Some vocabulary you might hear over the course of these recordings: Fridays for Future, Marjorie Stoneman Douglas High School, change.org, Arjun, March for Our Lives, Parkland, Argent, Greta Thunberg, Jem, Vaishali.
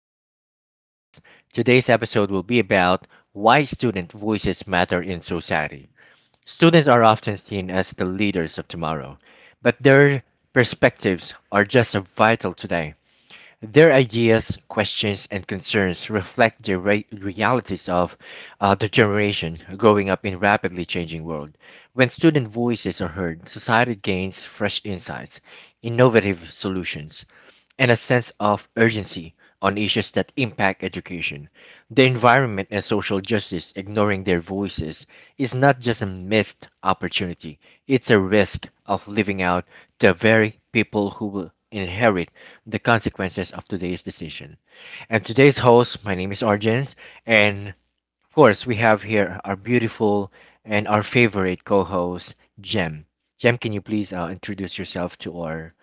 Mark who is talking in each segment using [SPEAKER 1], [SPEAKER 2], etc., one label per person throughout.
[SPEAKER 1] to Argent's podcast. Today's episode will be about why student voices matter in society. Students are often seen as the leaders of tomorrow, but their perspectives are just as vital today. Their ideas, questions, and concerns reflect the realities of the generation growing up in rapidly changing world. When student voices are heard, society gains fresh insights, innovative solutions, and a sense of urgency on issues that impact education, the environment, and social justice. Ignoring their voices is not just a missed opportunity, it's a risk of leaving out the very people who will inherit the consequences of today's decision. And today's host, my name is Arjun, and of course, we have here our beautiful and our favorite co host, Jem. Jem, can you please introduce yourself to our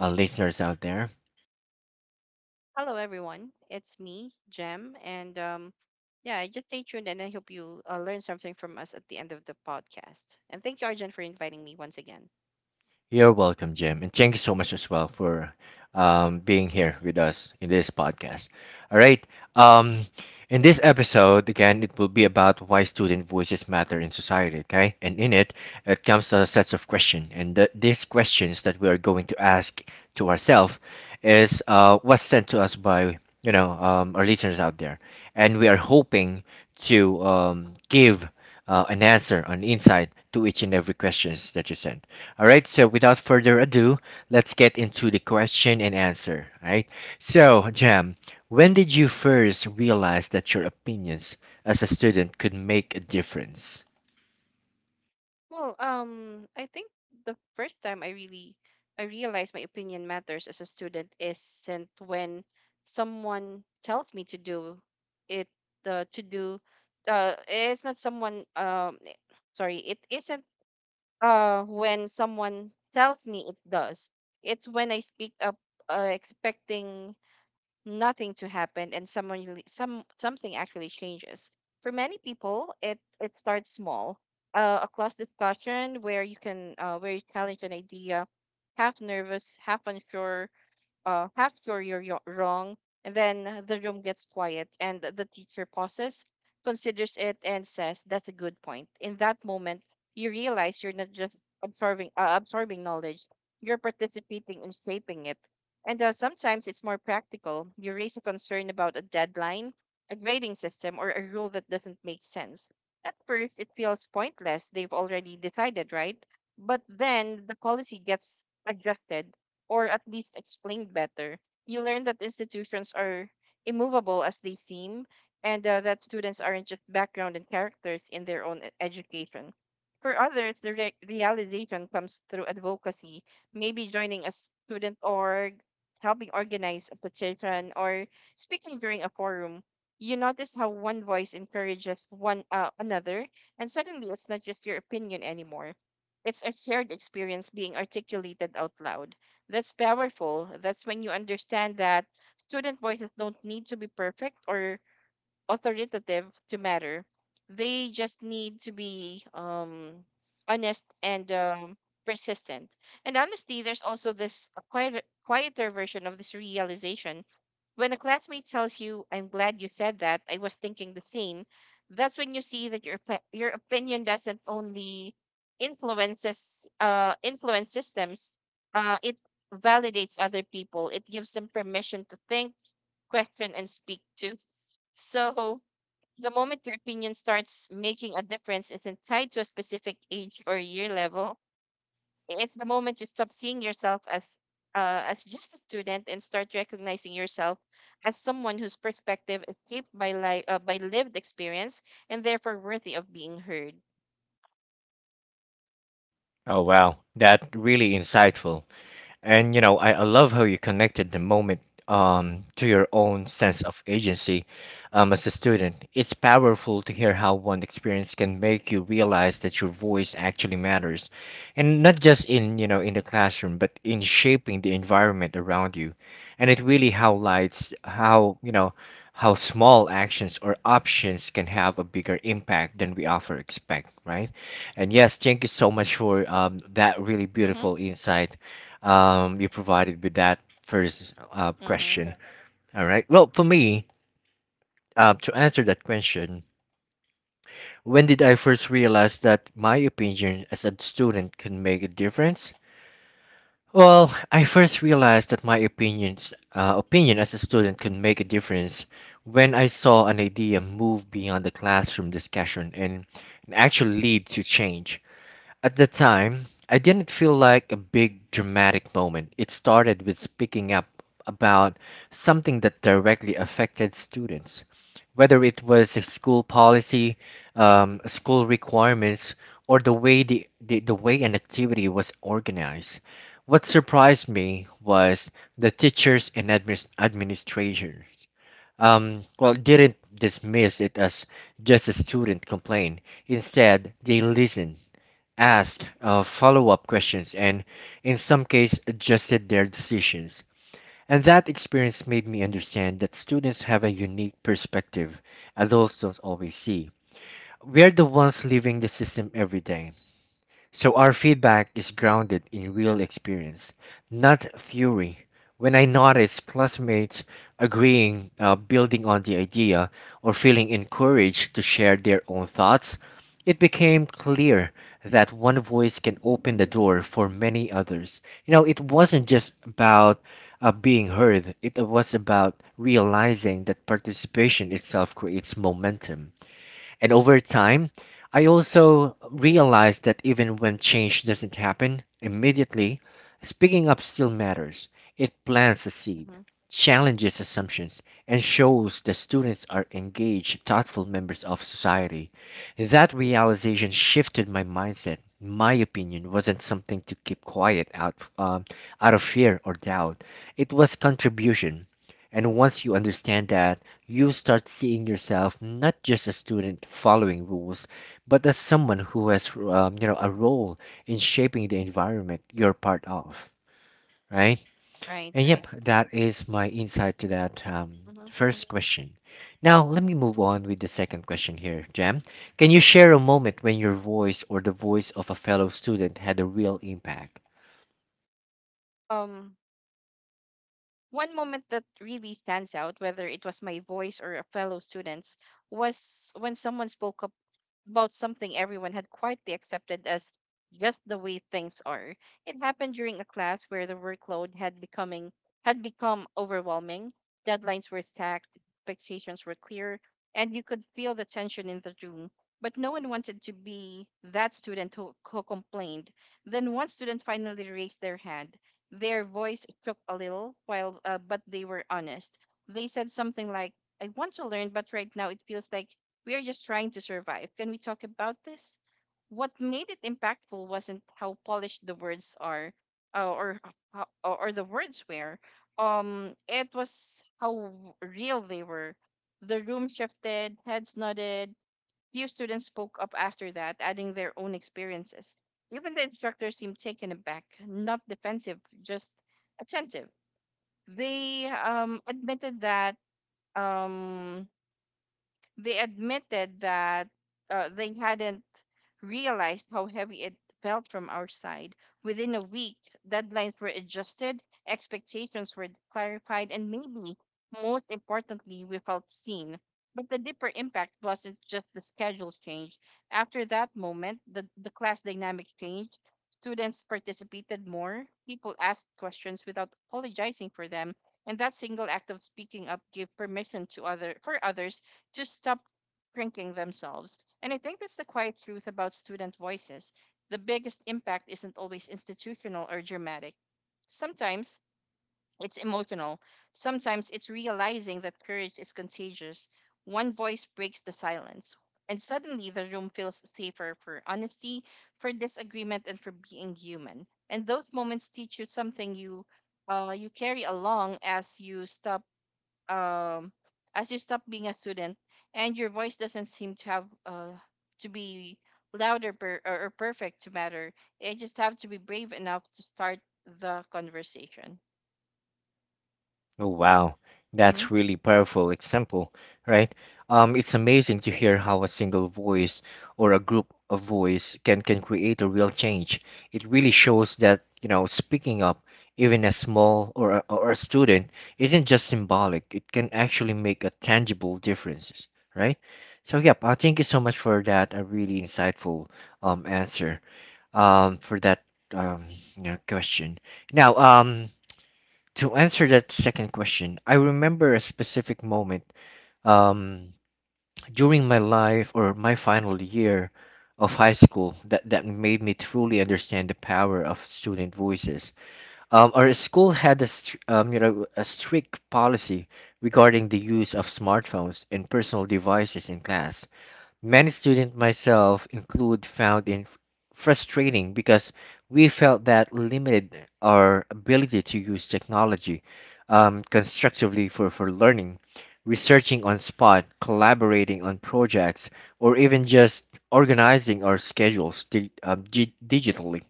[SPEAKER 1] listeners out there?
[SPEAKER 2] Hello, everyone. It's me, Jem, and yeah, just stay tuned, and I hope you learn something from us at the end of the podcast. And thank you, Arjun, for inviting me once again.
[SPEAKER 1] You're welcome, Jim, and thank you so much as well for being here with us in this podcast. All right. Um, in this episode, again, it will be about why student voices matter in society. Okay, and in it, it comes a sets of questions, and these questions that we are going to ask to ourselves is what's sent to us by our listeners out there, and we are hoping to give an answer, an insight to each and every questions that you send. All right, so without further ado, let's get into the question and answer. All right, so Jam, when did you first realize that your opinions as a student could make a difference?
[SPEAKER 2] Well, I think the first time I realized my opinion matters as a student isn't when someone tells me to do it uh, to do it's not someone sorry it isn't when someone tells me it does, it's when I speak up, expecting nothing to happen and some something actually changes. For many people it starts small, a class discussion where you can where you challenge an idea, half nervous, half unsure, half wrong. And then the room gets quiet, and the teacher pauses, considers it, and says, "That's a good point." In that moment, you realize you're not just absorbing knowledge; you're participating in shaping it. And sometimes it's more practical. You raise a concern about a deadline, a grading system, or a rule that doesn't make sense. At first, it feels pointless. They've already decided, right? But then the policy gets adjusted or at least explained better, you learn that institutions are immovable as they seem, and that students aren't just background and characters in their own education. For others, the realization comes through advocacy, maybe joining a student org, helping organize a petition, or speaking during a forum. You notice how one voice encourages one another, and suddenly it's not just your opinion anymore. It's a shared experience being articulated out loud. That's powerful. That's when you understand that student voices don't need to be perfect or authoritative to matter. They just need to be honest and persistent. And honestly, there's also this quieter version of this realization. When a classmate tells you, "I'm glad you said that. I was thinking the same," that's when you see that your opinion doesn't only influence systems. It validates other people. It gives them permission to think, question, and speak to. So the moment your opinion starts making a difference isn't tied to a specific age or year level. It's the moment you stop seeing yourself as just a student and start recognizing yourself as someone whose perspective is shaped by lived experience and therefore worthy of being heard.
[SPEAKER 1] Oh, wow, that really insightful. And you know, I love how you connected the moment to your own sense of agency as a student. It's powerful to hear how one experience can make you realize that your voice actually matters, and not just in in the classroom, but in shaping the environment around you. And it really highlights how how small actions or options can have a bigger impact than we often expect, right? And yes, thank you so much for that really
[SPEAKER 2] Mm-hmm.
[SPEAKER 1] beautiful insight you provided with that first
[SPEAKER 2] Mm-hmm.
[SPEAKER 1] question. All right. Well, for me, to answer that question, when did I first realize that my opinion as a student can make a difference? Well, I first realized that my opinion as a student can make a difference when I saw an idea move beyond the classroom discussion and actually lead to change. At the time, I didn't feel like a big dramatic moment. It started with speaking up about something that directly affected students, whether it was a school policy, school requirements, or the way the way an activity was organized. What surprised me was the teachers and administrators well, didn't dismiss it as just a student complaint. Instead, they listened asked follow up questions, and in some cases adjusted their decisions. And that experience made me understand that students have a unique perspective adults don't always see. We're the ones living the system every day. So our feedback is grounded in real experience, not theory. When I notice classmates agreeing, building on the idea, or feeling encouraged to share their own thoughts, it became clear that one voice can open the door for many others. You know, it wasn't just about being heard, it was about realizing that participation itself creates momentum. And over time, I also realized that even when change doesn't happen immediately, speaking up still matters. It plants a seed,
[SPEAKER 2] Mm-hmm.
[SPEAKER 1] challenges assumptions, and shows that students are engaged, thoughtful members of society. That realization shifted my mindset. My opinion wasn't something to keep quiet out of fear or doubt. It was contribution. And once you understand that, you start seeing yourself not just a student following rules, but as someone who has you know a role in shaping the environment you're part of, right?
[SPEAKER 2] Right,
[SPEAKER 1] And
[SPEAKER 2] right.
[SPEAKER 1] yep, that is my insight to that
[SPEAKER 2] Hmm.
[SPEAKER 1] first question. Now let me move on with the second question here, Jam. Can you share a moment when your voice or the voice of a fellow student had a real impact?
[SPEAKER 2] Um, one moment that really stands out, whether it was my voice or a fellow student's, was when someone spoke up about something everyone had quietly accepted as just the way things are. It happened during a class where the workload had becoming had become overwhelming. Deadlines were stacked, expectations were clear, and you could feel the tension in the room. But no one wanted to be that student who complained. Then one student finally raised their hand. Their voice shook a little, while but they were honest. They said something like, "I want to learn, but right now it feels like we are just trying to survive. Can we talk about this? What made it impactful wasn't how polished the words are, or how, or the words were. It was how real they were. The room shifted, heads nodded. Few students spoke up after that, adding their own experiences. Even the instructor seemed taken aback, not defensive, just attentive. They um, admitted that um, they admitted that they hadn't realized how heavy it felt from our side. Within a week, deadlines were adjusted, expectations were clarified, and maybe most importantly, we felt seen. But the deeper impact wasn't just the schedule change. After that moment, the class dynamic changed. Students participated more, people asked questions without apologizing for them, and that single act of speaking up gave permission to other for others just stop shrinking themselves. And I think that's the quiet truth about student voices. The biggest impact isn't always institutional or dramatic. Sometimes it's emotional. Sometimes it's realizing that courage is contagious. One voice breaks the silence, and suddenly the room feels safer for honesty, for disagreement, and for being human. And those moments teach you something you carry along as you stop um as you stop being a student, and your voice doesn't seem to have to be louder or perfect to matter. You just have to be brave enough to start the conversation.
[SPEAKER 1] Oh, wow,
[SPEAKER 2] Hmm.
[SPEAKER 1] that's really powerful example, right? It's amazing to hear how a single voice or a group of voice can create a real change. It really shows that, you know, speaking up, even a small or or a student, isn't just symbolic. It can actually make a tangible difference, right? So, yep, thank you so much for that. A really insightful answer for that um you know, question. Now. To answer that second question, I remember a specific moment um, during my life or my final year of high school that made me truly understand the power of student voices. Our school had you know, a strict policy regarding the use of smartphones and personal devices in class. Many students, myself included, found it frustrating because we felt that limited our ability to use technology constructively for, learning, researching on spot, collaborating on projects, or even just organizing our schedules digitally.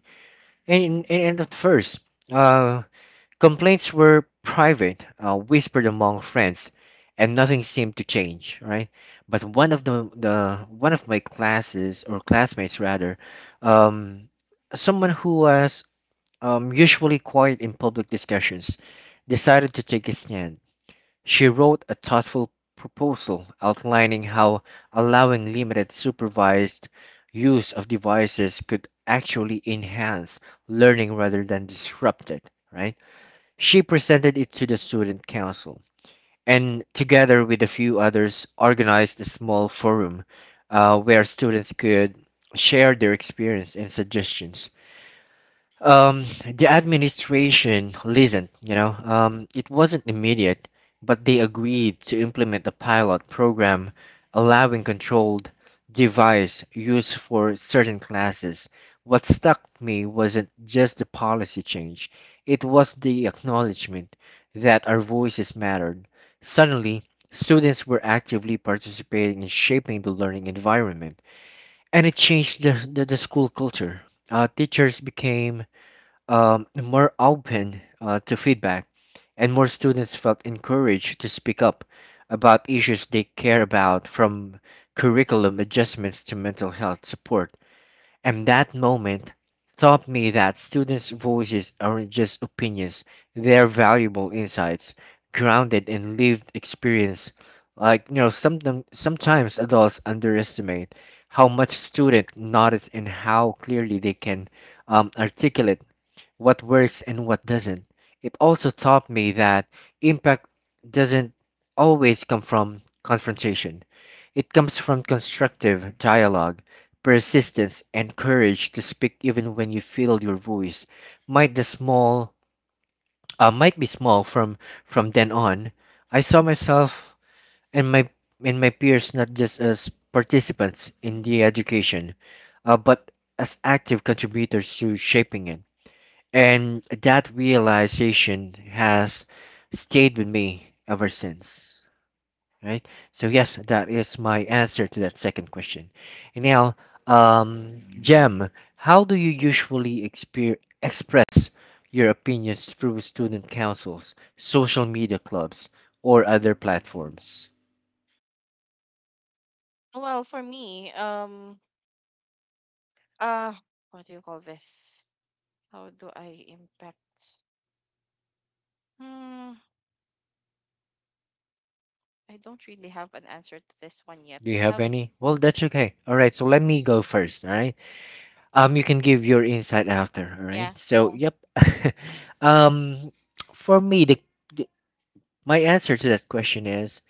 [SPEAKER 1] And, at first, uh, Complaints were private, whispered among friends, and nothing seemed to change, right? But one of the one of my classes or classmates rather, um, someone who was usually quiet in public discussions, decided to take a stand. She wrote a thoughtful proposal outlining how allowing limited supervised use of devices could actually enhance learning rather than disrupt it, right? She presented it to the student council, and together with a few others, organized a small forum where students could share their experience and suggestions. The administration listened, you know, it wasn't immediate, but they agreed to implement a pilot program allowing controlled device use for certain classes. What struck me wasn't just the policy change, it was the acknowledgement that our voices mattered. Suddenly, students were actively participating in shaping the learning environment, and it changed the school culture. Teachers became more open to feedback, and more students felt encouraged to speak up about issues they care about, from curriculum adjustments to mental health support. And that moment taught me that students' voices aren't just opinions, they're valuable insights grounded in lived experience. Like, you know, sometimes adults underestimate how much students notice and how clearly they can articulate what works and what doesn't. It also taught me that impact doesn't always come from confrontation. It comes from constructive dialogue, persistence, and courage to speak even when you feel your voice might the small might be small from then on. I saw myself and my peers not just as participants in the education, but as active contributors to shaping it. And that realization has stayed with me ever since. Right? So yes, that is my answer to that second question. And now, Jem, how do you usually express your opinions through student councils, social media clubs, or other platforms?
[SPEAKER 2] Well, for me, uh what do you call this, how do I impact? Hmm. I don't really have an answer to this one yet.
[SPEAKER 1] Do
[SPEAKER 2] Do
[SPEAKER 1] you
[SPEAKER 2] you
[SPEAKER 1] have
[SPEAKER 2] have
[SPEAKER 1] any? Well, that's okay. All right, so let
[SPEAKER 2] Mhm.
[SPEAKER 1] me go first. All right. You can give your insight after, all right?
[SPEAKER 2] Yeah.
[SPEAKER 1] So, Oh.
[SPEAKER 2] Hmm.
[SPEAKER 1] yep. um, for me, the my answer to that question is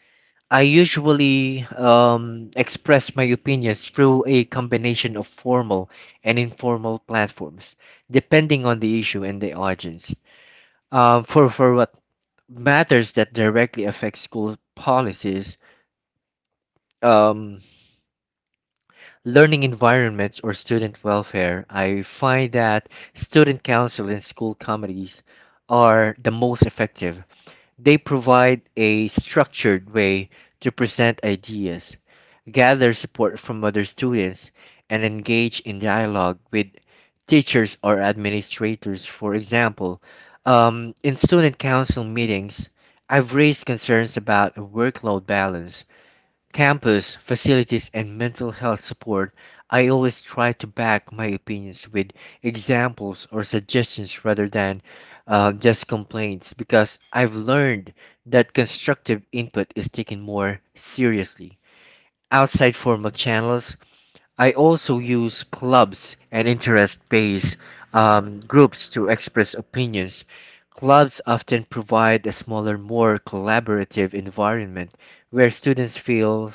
[SPEAKER 1] I usually express my opinions through a combination of formal and informal platforms, depending on the issue and the audience. For what matters that directly affect school policies, um, learning environments or student welfare, I find that student council and school committees are the most effective. They provide a structured way to present ideas, gather support from other students, and engage in dialogue with teachers or administrators. For example, in student council meetings, I've raised concerns about workload balance campus, facilities, and mental health support, I always try to back my opinions with examples or suggestions rather than just complaints because I've learned that constructive input is taken more seriously. Outside formal channels, I also use clubs and interest-based groups to express opinions. Clubs often provide a smaller, more collaborative environment where students feel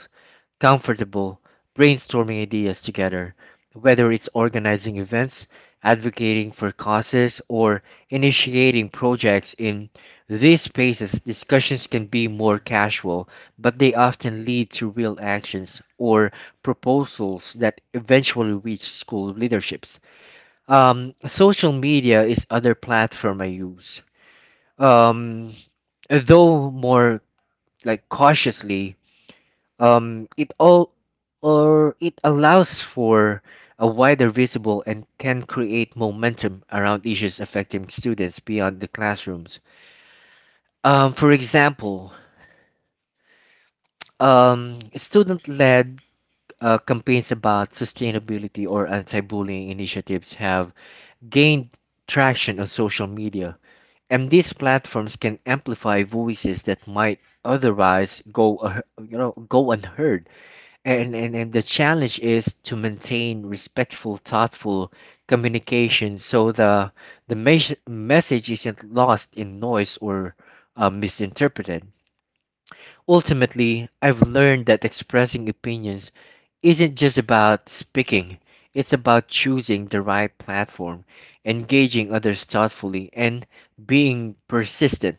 [SPEAKER 1] comfortable brainstorming ideas together, whether it's organizing events, advocating for causes, or initiating projects in these spaces, discussions can be more casual, but they often lead to real actions or proposals that eventually reach school leaderships. Social media is other platform I use. Um, though more like cautiously, um, it all it allows for a wider visible and can create momentum around issues affecting students beyond the classrooms. For example, student-led campaigns about sustainability or anti-bullying initiatives have gained traction on social media, and these platforms can amplify voices that might otherwise go go unheard. And the challenge is to maintain respectful, thoughtful communication so the message isn't lost in noise or misinterpreted. Ultimately, I've learned that expressing opinions isn't just about speaking, it's about choosing the right platform, engaging others thoughtfully, and being persistent.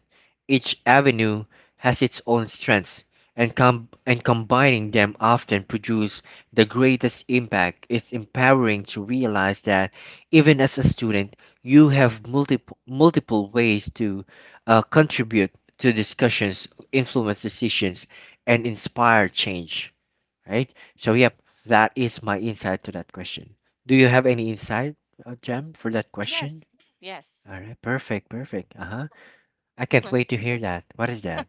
[SPEAKER 1] Each avenue has its own strengths, and, combining them often produce the greatest impact. It's empowering to realize that even as a student, you have multiple ways to contribute to discussions influence decisions, and inspire change, right? So, yep, that is my insight to that question. Do you have any insight, Jem, for that question?
[SPEAKER 2] Yes. Yes.
[SPEAKER 1] All right, perfect, perfect. Uh huh. I can't wait to hear that. What is that?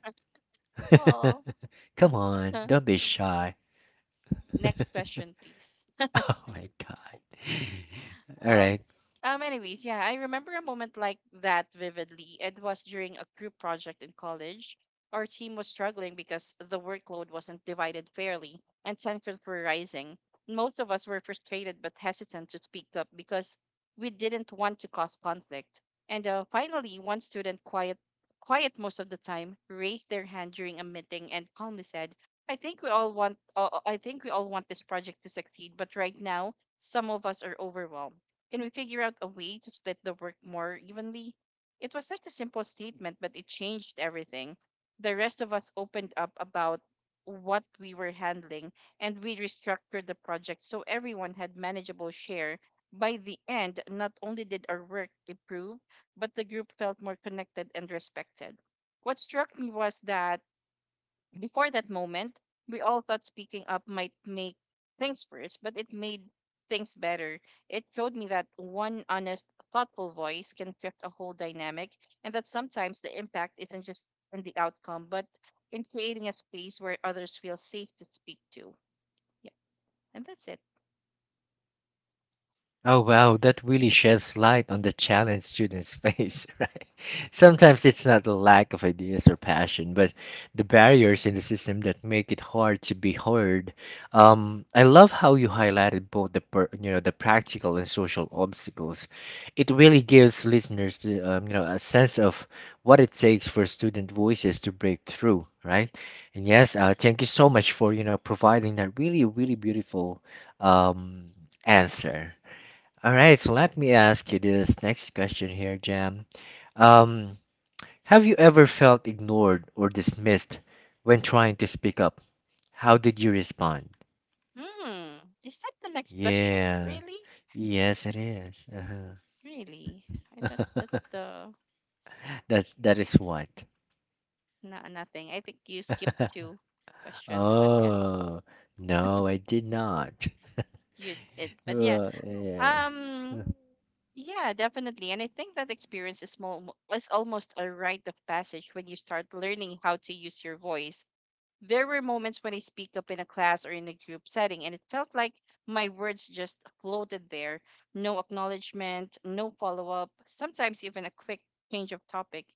[SPEAKER 2] Well,
[SPEAKER 1] Come on, don't be shy. Oh
[SPEAKER 2] next question please.
[SPEAKER 1] my God. All
[SPEAKER 2] Well,
[SPEAKER 1] right.
[SPEAKER 2] anyways, yeah, I remember a moment like that vividly. It was during a group project in college. Our team was struggling because the workload wasn't divided fairly and tensions were rising. Most of us were frustrated but hesitant to speak up because we didn't want to cause conflict. And finally, one student, quiet most of the time, raised their hand during a meeting and calmly said, "I think we all want this project to succeed, but right now, some of us are overwhelmed. Can we figure out a way to split the work more evenly? It was such a simple statement, but it changed everything. The rest of us opened up about what we were handling, and we restructured the project so everyone had manageable share. By the end, not only did our work improve, but the group felt more connected and respected. What struck me was that before that moment, we all thought speaking up might make things worse, but it made things better. It showed me that one honest, thoughtful voice can shift a whole dynamic, and that sometimes the impact isn't just in the outcome, but in creating a space where others feel safe to speak to. Yeah, and that's it.
[SPEAKER 1] Oh, wow, that really sheds light on the challenge students face, right? Sometimes it's not a lack of ideas or passion, but the barriers in the system that make it hard to be heard. I love how you highlighted both the per, you know the practical and social obstacles. It really gives listeners the, you know a sense of what it takes for student voices to break through, right? And yes, thank you so much for providing that really really beautiful um, answer. All right, so let me ask you this next question here, Jam. Um, have you ever felt ignored or dismissed when trying to speak up? How did you respond?
[SPEAKER 2] Hmm. Is that the next question?
[SPEAKER 1] Yeah.
[SPEAKER 2] Really?
[SPEAKER 1] Yes, it is.
[SPEAKER 2] Really, I thought
[SPEAKER 1] Uh-huh.
[SPEAKER 2] that's the
[SPEAKER 1] That's that
[SPEAKER 2] eh,
[SPEAKER 1] is what.
[SPEAKER 2] no, nothing. I think you skipped two questions, but yeah,
[SPEAKER 1] Oh, no, I did not.
[SPEAKER 2] you did. But yeah.
[SPEAKER 1] Well, yeah.
[SPEAKER 2] Um, yeah, definitely. And I think that experience is small is almost a rite of passage when you start learning how to use your voice. There were moments when I speak up in a class or in a group setting, and it felt like my words just floated there. No acknowledgement, no follow up, sometimes even a quick change of topic.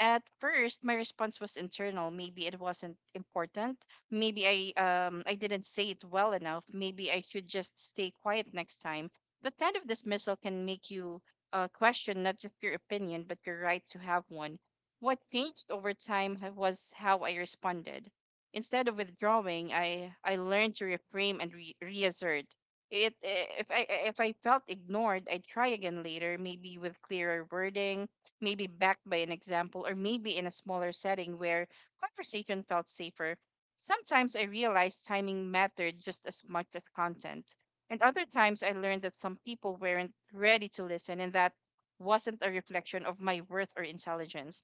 [SPEAKER 2] At first, my response was internal. Maybe it wasn't important. Maybe I didn't say it well enough. Maybe I should just stay quiet next time. That kind of dismissal can make you question not just your opinion, but your right to have one. What changed over time was how I responded. Instead of withdrawing, I learned to reframe and reassert. It if I felt ignored, I'd try again later, maybe with clearer wording, maybe backed by an example, or maybe in a smaller setting where conversation felt safer. Sometimes I realized timing mattered just as much as content. And other times I learned that some people weren't ready to listen and that wasn't a reflection of my worth or intelligence.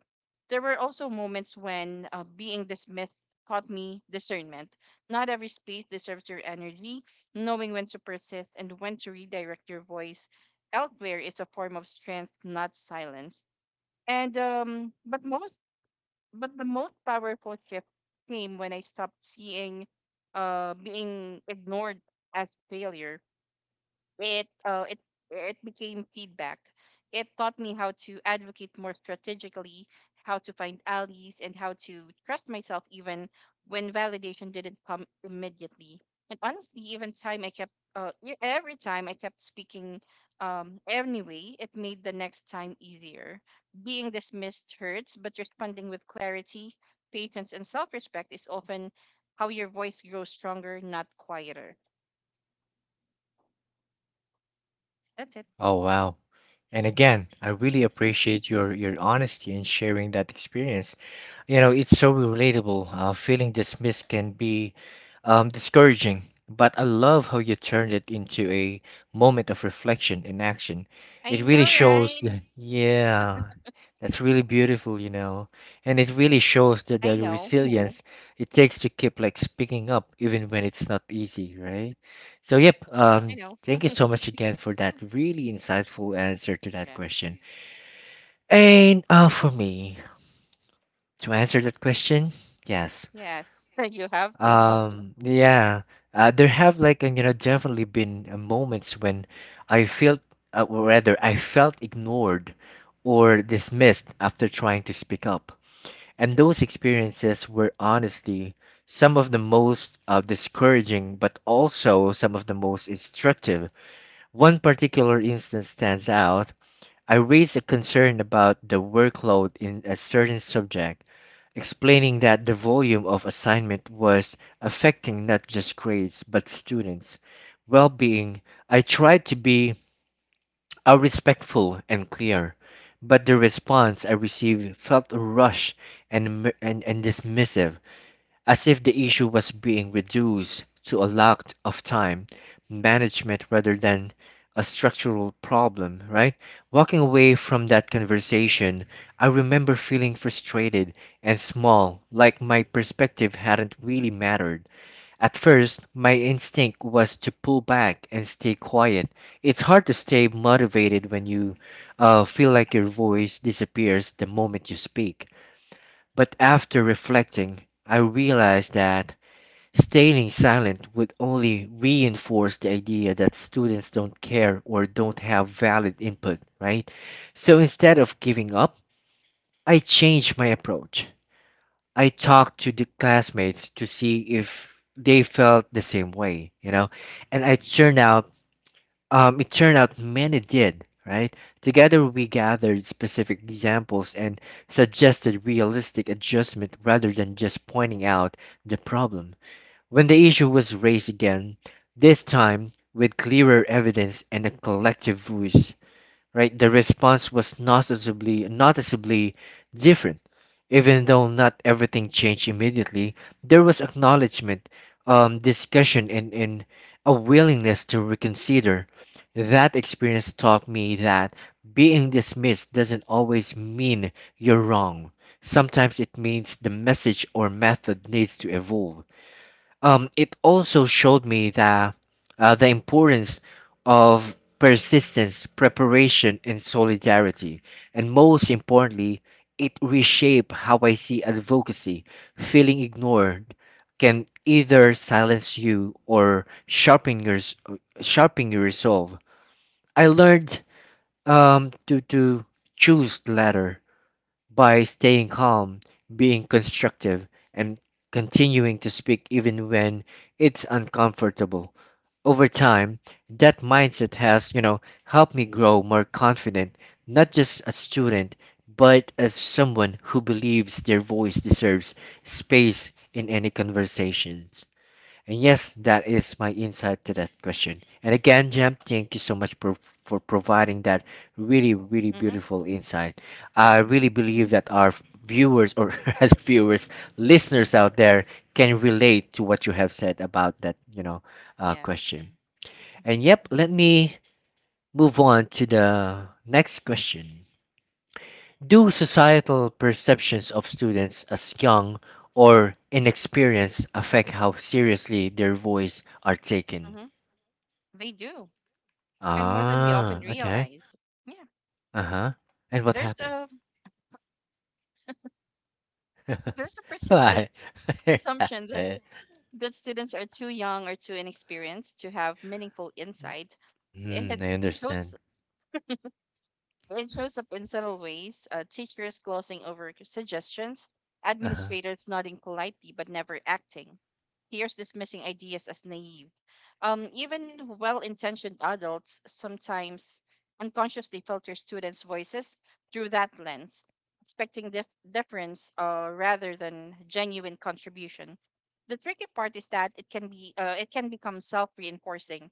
[SPEAKER 2] There were also moments when being dismissed taught me discernment. Not every space deserves your energy, knowing when to persist and when to redirect your voice elsewhere it's a form of strength, not silence. And but most but the most powerful shift came when I stopped seeing being ignored as failure. It uh, it it became feedback. It taught me how to advocate more strategically, how to find allies, and how to trust myself even when validation didn't come immediately. And honestly, even time I kept e- every time I kept speaking anyway, it made the next time easier. Being dismissed hurts, but responding with clarity, patience, and self-respect is often how your voice grows stronger, not quieter. That's it.
[SPEAKER 1] Oh wow. And again, I really appreciate your honesty in sharing that experience. You know, it's so relatable. Feeling dismissed can be discouraging, but I love how you turned it into a moment of reflection and action.
[SPEAKER 2] I
[SPEAKER 1] It
[SPEAKER 2] know,
[SPEAKER 1] really shows
[SPEAKER 2] right?
[SPEAKER 1] that, yeah, that's really beautiful, you know, and it really shows that
[SPEAKER 2] I
[SPEAKER 1] the
[SPEAKER 2] know.
[SPEAKER 1] resilience it takes to keep like speaking up even when it's not easy, right? So, yep,
[SPEAKER 2] I know.
[SPEAKER 1] thank you so much again for that
[SPEAKER 2] Mm.
[SPEAKER 1] really insightful answer to that
[SPEAKER 2] Yeah.
[SPEAKER 1] question. And for me, to answer that question, yes.
[SPEAKER 2] Yes. You have to.
[SPEAKER 1] Yeah, there have definitely been moments when I felt, or rather, I felt ignored or dismissed after trying to speak up. And those experiences were honestly some of the most discouraging, but also some of the most instructive. One particular instance stands out. I raised a concern about the workload in a certain subject, explaining that the volume of assignment was affecting not just grades but students' well being. I tried to be respectful and clear, but the response I received felt rushed and dismissive as if the issue was being reduced to a lack of time management rather than a structural problem, right? Walking away from that conversation, I remember feeling frustrated and small, like my perspective hadn't really mattered. At first, my instinct was to pull back and stay quiet. It's hard to stay motivated when you feel like your voice disappears the moment you speak. But after reflecting, I realized that staying silent would only reinforce the idea that students don't care or don't have valid input, right? So instead of giving up, I changed my approach. I talked to the classmates to see if they felt the same way, you know? And I turned out it turned out many did, right? Together we gathered specific examples and suggested realistic adjustment rather than just pointing out the problem. When the issue was raised again, this time with clearer evidence and a collective voice, right, the response was noticeably different. Even though not everything changed immediately, there was acknowledgement, discussion, and a willingness to reconsider. That experience taught me that being dismissed doesn't always mean you're wrong. Sometimes it means the message or method needs to evolve. Um, it also showed me the importance of persistence, preparation, and solidarity. And most importantly, it reshaped how I see advocacy. Feeling ignored can either silence you or sharpen your resolve. I learned to choose the latter by staying calm, being constructive, and continuing to speak even when it's uncomfortable. Over time, that mindset has, you know, helped me grow more confident, not just as student, but as someone who believes their voice deserves space in any conversations. And yes, that is my insight to that question. And again, Jem, thank you so much for providing that really, really
[SPEAKER 2] Hmm.
[SPEAKER 1] beautiful insight. I
[SPEAKER 2] Hmm.
[SPEAKER 1] really believe that our viewers, or as viewers, listeners out there, can relate to what you have said about that, you know,
[SPEAKER 2] Yeah.
[SPEAKER 1] question.
[SPEAKER 2] Hmm.
[SPEAKER 1] And yep, let me move on to
[SPEAKER 2] Hmm.
[SPEAKER 1] the next question. Do societal perceptions of students as young or inexperienced affect how seriously their voice are taken?
[SPEAKER 2] Hmm. They do, and more than we often
[SPEAKER 1] Ah, okay.
[SPEAKER 2] realize. Yeah.
[SPEAKER 1] Uh-huh. And what
[SPEAKER 2] There's
[SPEAKER 1] happened?
[SPEAKER 2] a there's a persistent
[SPEAKER 1] Why? What
[SPEAKER 2] assumption that
[SPEAKER 1] happened?
[SPEAKER 2] students are too young or too inexperienced to have meaningful insight.
[SPEAKER 1] Mm,
[SPEAKER 2] It
[SPEAKER 1] I
[SPEAKER 2] shows
[SPEAKER 1] understand.
[SPEAKER 2] It shows up in subtle ways, teachers glossing over suggestions,
[SPEAKER 1] Uh-huh.
[SPEAKER 2] administrators nodding politely but never acting, peers dismissing ideas as naive. Even well intentioned adults sometimes unconsciously filter students' voices through that lens, expecting difference rather than genuine contribution. The tricky part is that it can become self reinforcing.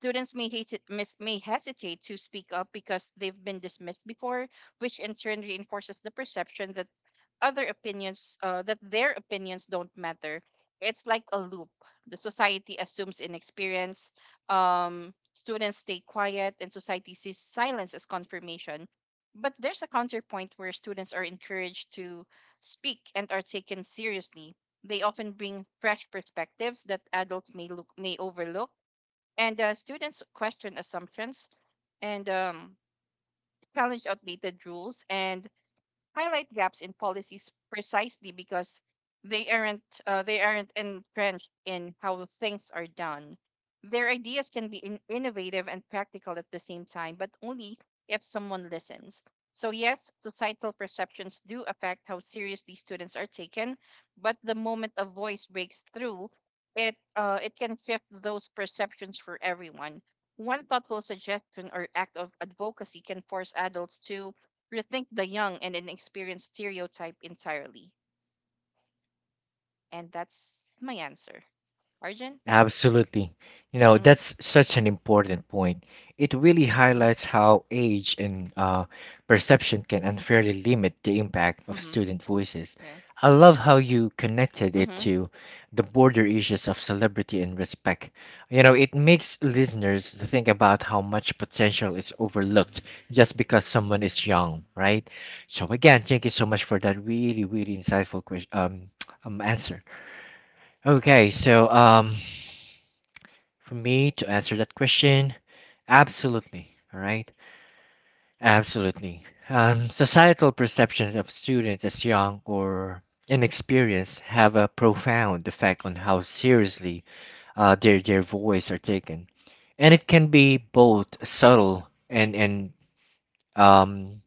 [SPEAKER 2] Students may, may hesitate to speak up because they've been dismissed before, which in turn reinforces the perception that their opinions don't matter. It's like a loop. The society assumes inexperience. Students stay quiet, and society sees silence as confirmation. But there's a counterpoint where students are encouraged to speak and are taken seriously. They often bring fresh perspectives that adults may overlook and students question assumptions and challenge outdated rules and highlight gaps in policies precisely because they aren't entrenched in how things are done. Their ideas can be innovative and practical at the same time, but only if someone listens. So yes, societal perceptions do affect how seriously students are taken, but the moment a voice breaks through, it can shift those perceptions for everyone. One thoughtful suggestion or act of advocacy can force adults to rethink the young and inexperienced stereotype entirely. And that's my answer. Arjun?
[SPEAKER 1] Absolutely. You know,
[SPEAKER 2] Mm-hmm.
[SPEAKER 1] that's such an important point. It really
[SPEAKER 2] Mm-hmm.
[SPEAKER 1] highlights how age and perception can unfairly limit the impact of
[SPEAKER 2] Mm-hmm.
[SPEAKER 1] student voices.
[SPEAKER 2] Yeah.
[SPEAKER 1] I love how you connected it
[SPEAKER 2] Mm-hmm.
[SPEAKER 1] to the border issues of celebrity and respect. You know, it makes listeners think about how much potential is overlooked just because someone is young, right? So again, thank you so much for that really, really insightful question, answer. Okay, so for me to answer that question, absolutely. All right, absolutely. Societal perceptions of students as young or inexperienced have a profound effect on how seriously their voice are taken, and it can be both subtle and um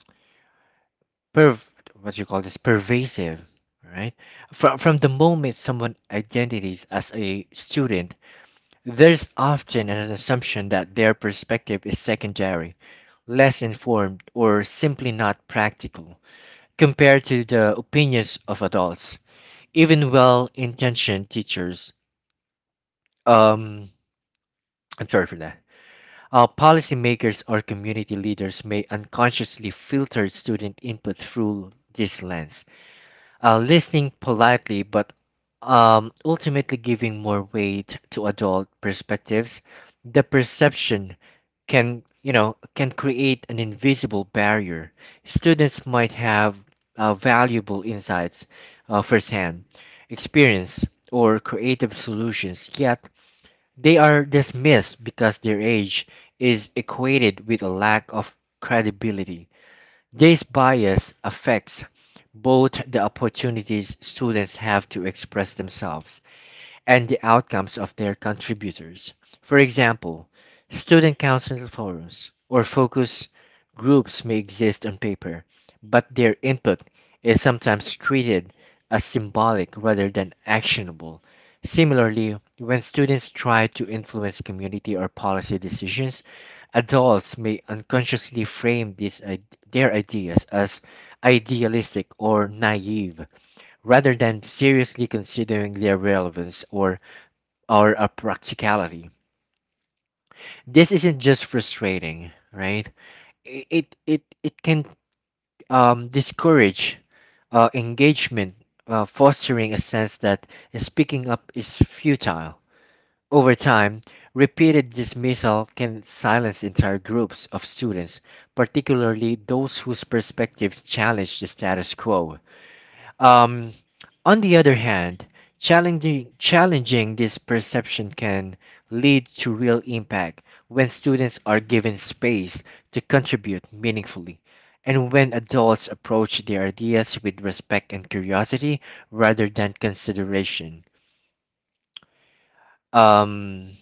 [SPEAKER 1] perv what you call this pervasive. Right, from the moment someone identifies as a student, there's often an assumption that their perspective is secondary, less informed, or simply not practical compared to the opinions of adults, even well-intentioned teachers. Um, I'm sorry for that. Policymakers or community leaders may unconsciously filter student input through this lens listening politely but ultimately giving more weight to adult perspectives. The perception can you know can create an invisible barrier. Students might have valuable insights, firsthand experience or creative solutions, yet they are dismissed because their age is equated with a lack of credibility. This bias affects both the opportunities students have to express themselves and the outcomes of their contributors. For example, student council forums or focus groups may exist on paper, but their input is sometimes treated as symbolic rather than actionable. Similarly, when students try to influence community or policy decisions, adults may unconsciously frame their ideas as idealistic or naive rather than seriously considering their relevance or a practicality. This isn't just frustrating, right? It can discourage engagement, fostering a sense that speaking up is futile. Over time, repeated dismissal can silence entire groups of students, particularly those whose perspectives challenge the status quo. Um, on the other hand, challenging this perception can lead to real impact when students are given space to contribute meaningfully, and when adults approach their ideas with respect and curiosity rather than consideration. Um,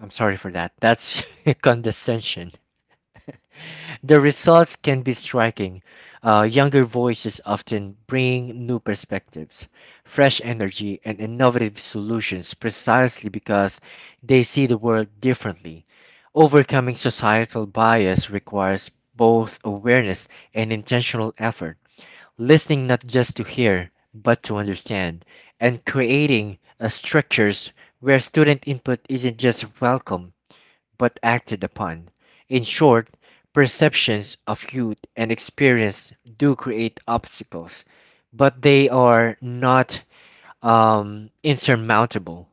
[SPEAKER 1] I'm sorry for that. That's condescension. The results can be striking. Younger voices often bring new perspectives, fresh energy, and innovative solutions precisely because they see the world differently. Overcoming societal bias requires both awareness and intentional effort, listening not just to hear, but to understand, and creating structures where student input isn't just welcome but acted upon. In short, perceptions of youth and experience do create obstacles, but they are not insurmountable.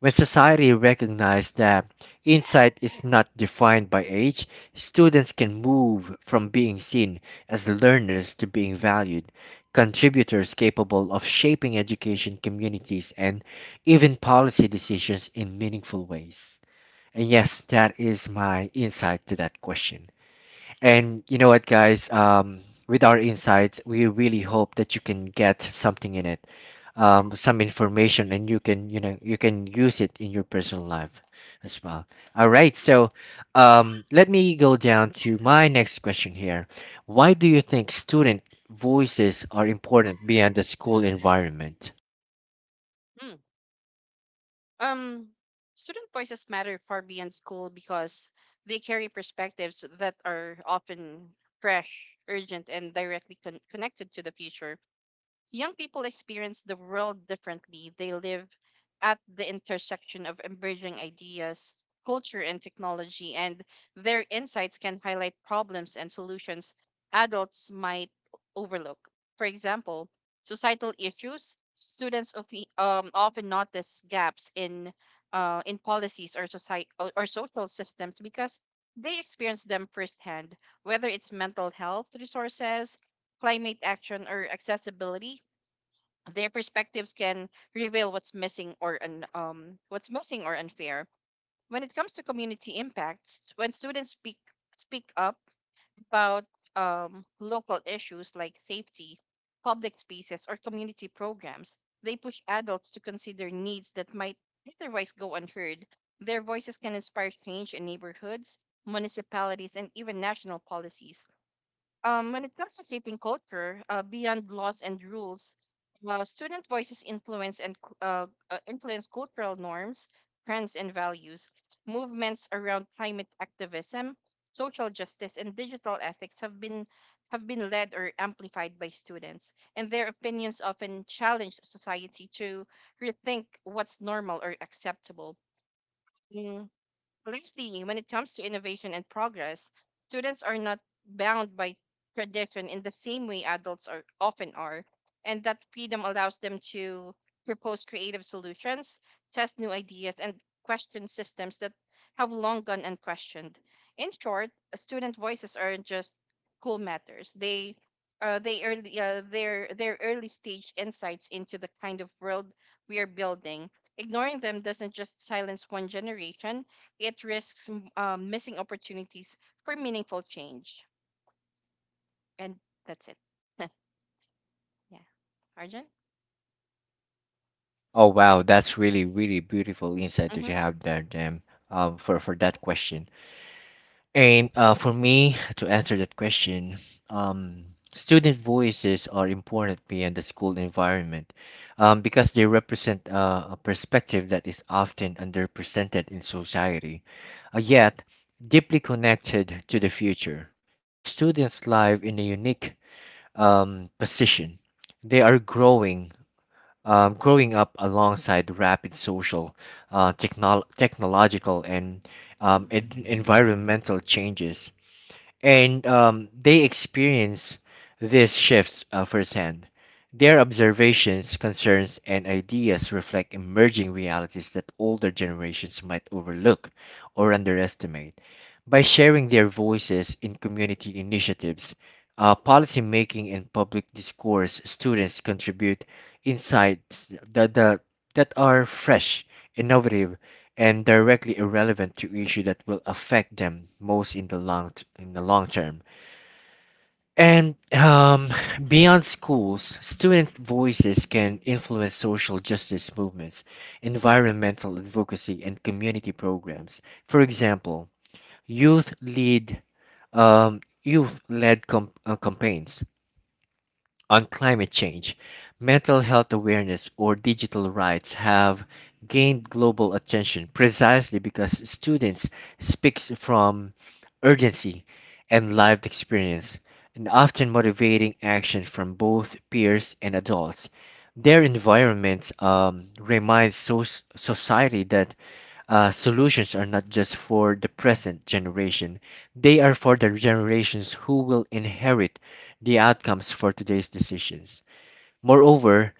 [SPEAKER 1] When society recognizes that insight is not defined by age, students can move from being seen as learners to being valued, contributors capable of shaping education communities and even policy decisions in meaningful ways. And yes, that is my insight to that question. And you know what, guys? With our insights, we really hope that you can get something in it, some information, and you can, you know, you can use it in your personal life as well. All right. So, let me go down to my next question here. Why do you think student voices are important beyond the school environment?
[SPEAKER 2] Mm. Um, Student voices matter far beyond school because they carry perspectives that are often fresh, urgent, and directly connected to the future. Young people experience the world differently. They live at the intersection of emerging ideas, culture, and technology, and their insights can highlight problems and solutions adults might overlook. For example, societal issues, often notice gaps in policies or society or social systems because they experience them firsthand, whether it's mental health resources, climate action, or accessibility, their perspectives can reveal what's missing or unfair. When it comes to community impacts, when students speak up about local issues like safety, public spaces, or community programs, they push adults to consider needs that might otherwise go unheard. Their voices can inspire change in neighborhoods, municipalities, and even national policies. When it comes to shaping culture, beyond laws and rules, student voices influence cultural norms, trends, and values. Movements around climate activism, social justice, and digital ethics have been led or amplified by students, and their opinions often challenge society to rethink what's normal or acceptable. Mm, Lastly, when it comes to innovation and progress, students are not bound by tradition in the same way adults are often are, and that freedom allows them to propose creative solutions, test new ideas, and question systems that have long gone unquestioned. In short, student voices aren't just school matters. They early their early stage insights into the kind of world we are building. Ignoring them doesn't just silence one generation, it risks missing opportunities for meaningful change. And that's it. yeah. Arjun?
[SPEAKER 1] Oh wow, that's really, really beautiful insight that
[SPEAKER 2] Mm-hmm.
[SPEAKER 1] you have there, Jim, for that question. And for me to answer that question, um, student voices are important beyond the school environment because they represent a perspective that is often underrepresented in society, yet deeply connected to the future. You know, students live in a unique position. They are growing up alongside rapid social, technological, and environmental changes and they experience these shifts firsthand. Their observations, concerns, and ideas reflect emerging realities that older generations might overlook or underestimate. By sharing their voices in community initiatives, policy making, and public discourse, students contribute insights that are fresh, innovative, and directly irrelevant to issue that will affect them most in the long term. And beyond schools, student voices can influence social justice movements, environmental advocacy, and community programs. For example, youth lead um, youth-led campaigns on climate change, mental health awareness or digital rights have gained global attention precisely because students speak from urgency and lived experience, and often motivating action from both peers and adults. Their environment reminds society that solutions are not just for the present generation, they are for the generations who will inherit the outcomes for today's decisions. Moreover,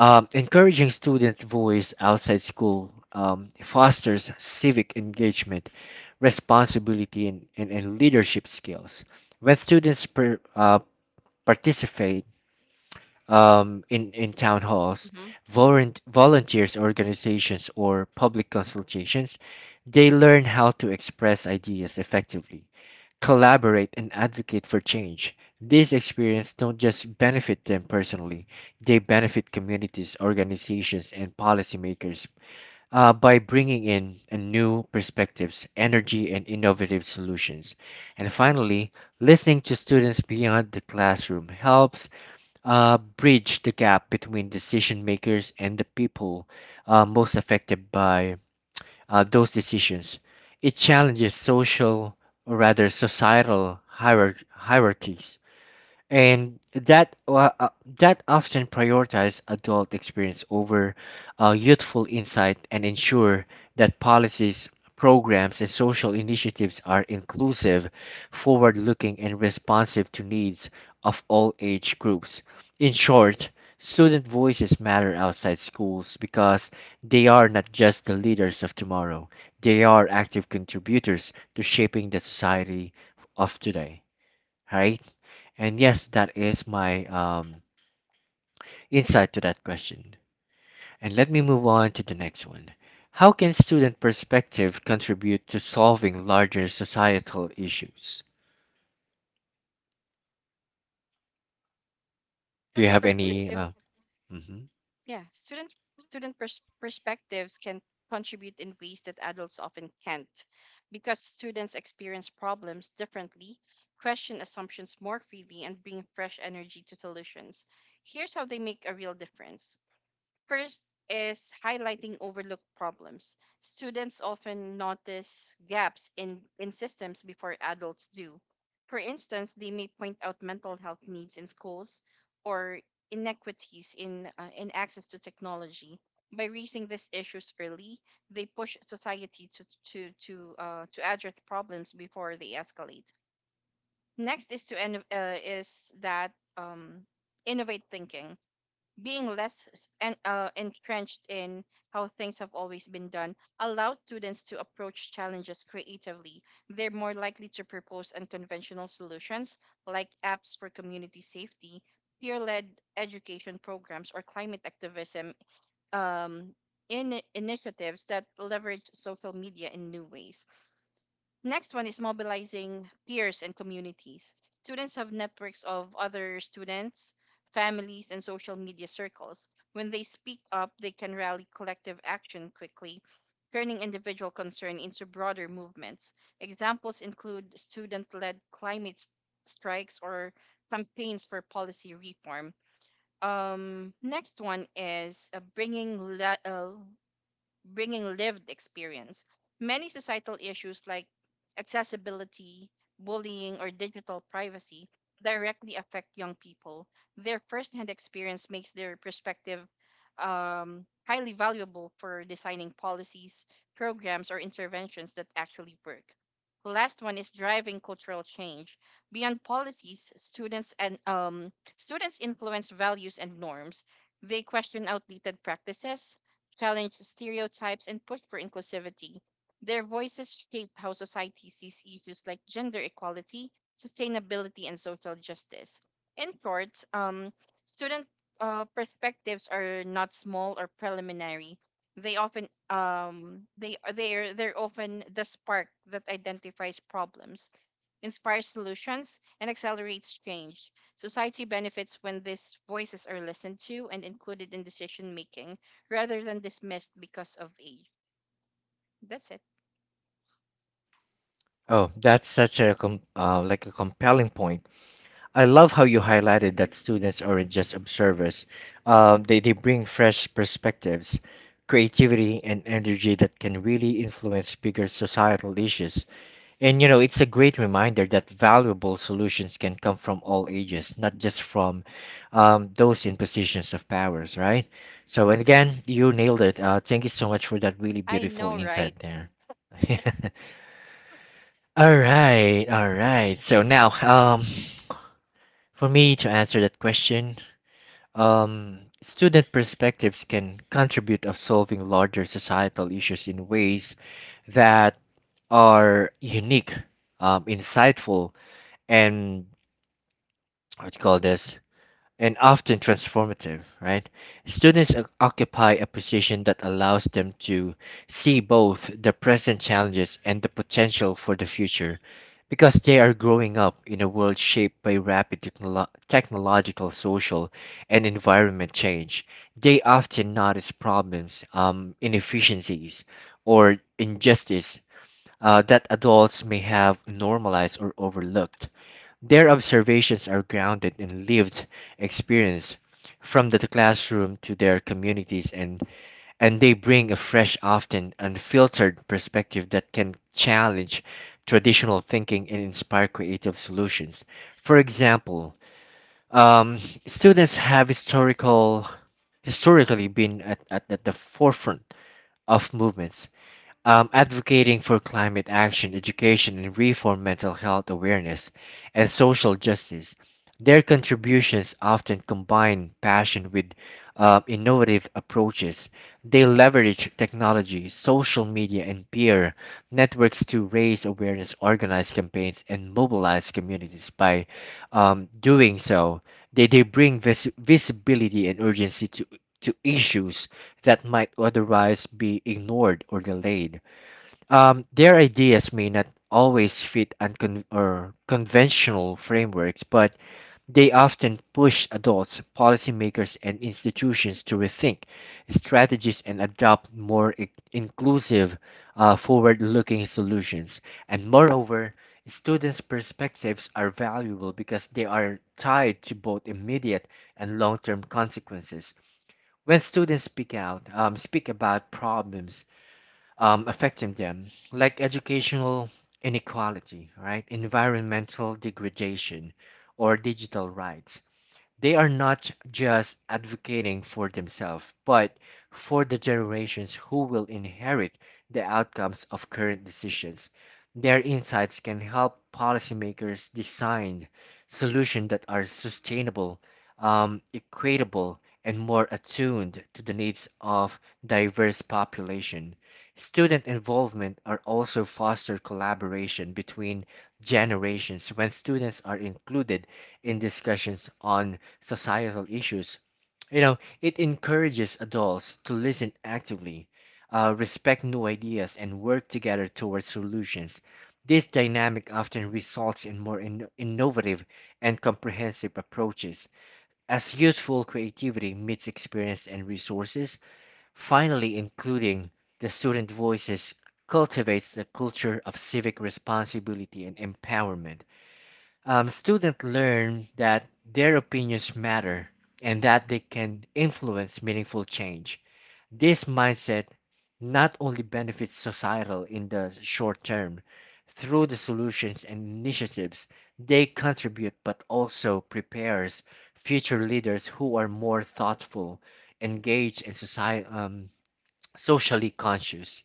[SPEAKER 1] encouraging students' voice outside school fosters civic engagement, responsibility, and leadership skills. When students participate in town halls,
[SPEAKER 2] Mm-hmm.
[SPEAKER 1] volunteers, organizations, or public consultations, they learn how to express ideas effectively collaborate and advocate for change. These experiences don't just benefit them personally, they benefit communities, organizations, and policymakers by bringing in a new perspectives, energy, and innovative solutions. And finally, listening to students beyond the classroom helps bridge the gap between decision makers and the people most affected by those decisions. It challenges social, or rather societal, hierarchies and that often prioritize adult experience over youthful insight and ensure that policies programs and social initiatives are inclusive forward-looking and responsive to needs of all age groups in short student voices matter outside schools because they are not just the leaders of tomorrow they are active contributors to shaping the society of today, right? And yes, that is my insight to that question. And let me move on to the next one. How can student perspective contribute to solving larger societal issues? Do you
[SPEAKER 2] Student
[SPEAKER 1] have any?
[SPEAKER 2] perspectives.
[SPEAKER 1] Mhm.
[SPEAKER 2] Yeah. Perspectives can contribute in ways that adults often can't because students experience problems differently, question assumptions more freely, and bring fresh energy to solutions. Here's how they make a real difference. First is highlighting overlooked problems. Students often notice gaps in systems before adults do. For instance, they may point out mental health needs in schools or inequities in access to technology. By raising these issues early, they push society to address problems before they escalate. Next is to en- is that um, Innovate thinking, being entrenched in how things have always been done, allows students to approach challenges creatively. They're more likely to propose unconventional solutions like apps for community safety, peer led education programs, or climate activism um, in initiatives that leverage social media in new ways. Next one is mobilizing peers and communities. Students have networks of other students, families, and social media circles. When they speak up, they can rally collective action quickly, turning individual concern into broader movements. Examples include student led climate strikes or campaigns for policy reform. Next one is bringing lived experience. Many societal issues like accessibility, bullying, or digital privacy directly affect young people. Their firsthand experience makes their perspective highly valuable for designing policies, programs, or interventions that actually work. Last one is driving cultural change. Beyond policies, students influence values and norms. They question outdated practices, challenge stereotypes, and push for inclusivity. Their voices shape how society sees issues like gender equality, sustainability, and social justice. In short, student perspectives are not small or preliminary. They're often the spark that identifies problems, inspires solutions, and accelerates change. Society benefits when these voices are listened to and included in decision making rather than dismissed because of age. That's it.
[SPEAKER 1] Oh, that's such a like a compelling point. I love how you highlighted that students aren't just observers. They bring fresh perspectives, creativity, and energy that can really influence bigger societal issues. And you know, it's a great reminder that valuable solutions can come from all ages, not just from those in positions of powers, right? So, and again, you nailed it. Thank you so much for that really
[SPEAKER 2] I
[SPEAKER 1] beautiful
[SPEAKER 2] know, right?
[SPEAKER 1] insight there. All right, all right. So now, for me to answer that question, student perspectives can contribute of solving larger societal issues in ways that are unique, insightful, and what you call this, and often transformative, right? Students occupy a position that allows them to see both the present challenges and the potential for the future because they are growing up in a world shaped by rapid technological, social, and environment change. They often notice problems, inefficiencies, or injustice that adults may have normalized or overlooked. Their observations are grounded in lived experience from the classroom to their communities, and they bring a fresh, often unfiltered perspective that can challenge traditional thinking and inspire creative solutions. For example, um, students have historically been at the forefront of movements advocating for climate action, education and reform, mental health awareness, and social justice. Their contributions often combine passion with innovative approaches. They leverage technology, social media, and peer networks to raise awareness, organize campaigns, and mobilize communities. By doing so, they bring visibility and urgency to issues that might otherwise be ignored or delayed. Their ideas may not always fit uncon- or conventional frameworks, but they often push adults, policymakers, and institutions to rethink strategies and adopt more inclusive, forward looking solutions. And moreover, students' perspectives are valuable because they are tied to both immediate and long term consequences. When students speak out, speak about problems affecting them, like educational inequality, right, environmental degradation, or digital rights, they are not just advocating for themselves, but for the generations who will inherit the outcomes of current decisions. Their insights can help policymakers design solutions that are sustainable, equitable, and more attuned to the needs of diverse population. Student involvement are also foster collaboration between generations when students are included in discussions on societal issues. You know, it encourages adults to listen actively, respect new ideas, and work together towards solutions. This dynamic often results in more innovative and comprehensive approaches, as youthful creativity meets experience and resources. Finally, including the student voices cultivates the culture of civic responsibility and empowerment. Students learn that their opinions matter and that they can influence meaningful change. This mindset not only benefits societal in the short term through the solutions and initiatives they contribute, but also prepares future leaders who are more thoughtful, engaged, and socially conscious.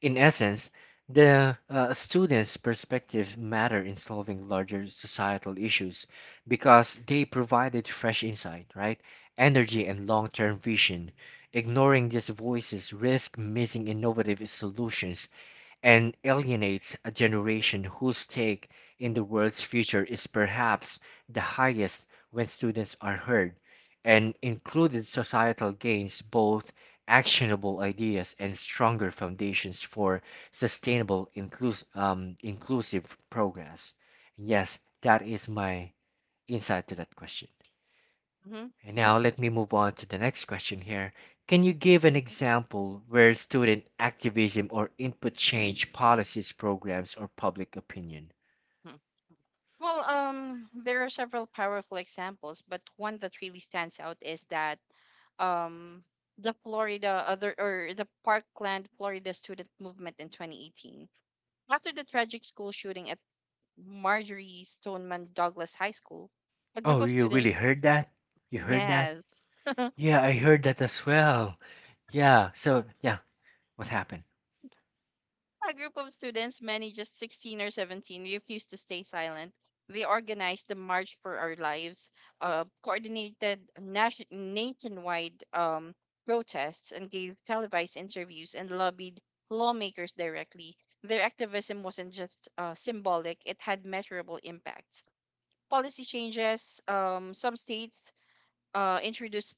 [SPEAKER 1] In essence, the students' perspective matter in solving larger societal issues because they provided fresh insight, right? Energy and long-term vision. Ignoring these voices risk missing innovative solutions and alienates a generation whose stake in the world's future is perhaps the highest when students are heard and included societal gains both actionable ideas and stronger foundations for sustainable inclusive progress. Yes, that is my insight to that question.
[SPEAKER 2] hmm
[SPEAKER 1] And now let me move on to the next question here. Can you
[SPEAKER 2] hmm
[SPEAKER 1] give an example where student activism or input change policies, programs, or public opinion?
[SPEAKER 2] Well, there are several powerful examples, but one that really stands out is that um, the Florida other or the Parkland, Florida student movement in 2018. After the tragic school shooting at Marjorie Stoneman Douglas High School, a group
[SPEAKER 1] Oh,
[SPEAKER 2] of
[SPEAKER 1] you really
[SPEAKER 2] students,
[SPEAKER 1] heard that? You heard that?
[SPEAKER 2] yes,
[SPEAKER 1] Yeah, I heard that as well. Yeah, so yeah, what happened?
[SPEAKER 2] a group of students, many just 16 or 17, refused to stay silent. They organized the March for Our Lives, coordinated nationwide protests, and gave televised interviews and lobbied lawmakers directly. Their activism wasn't just symbolic, it had measurable impacts. Policy changes: some states introduced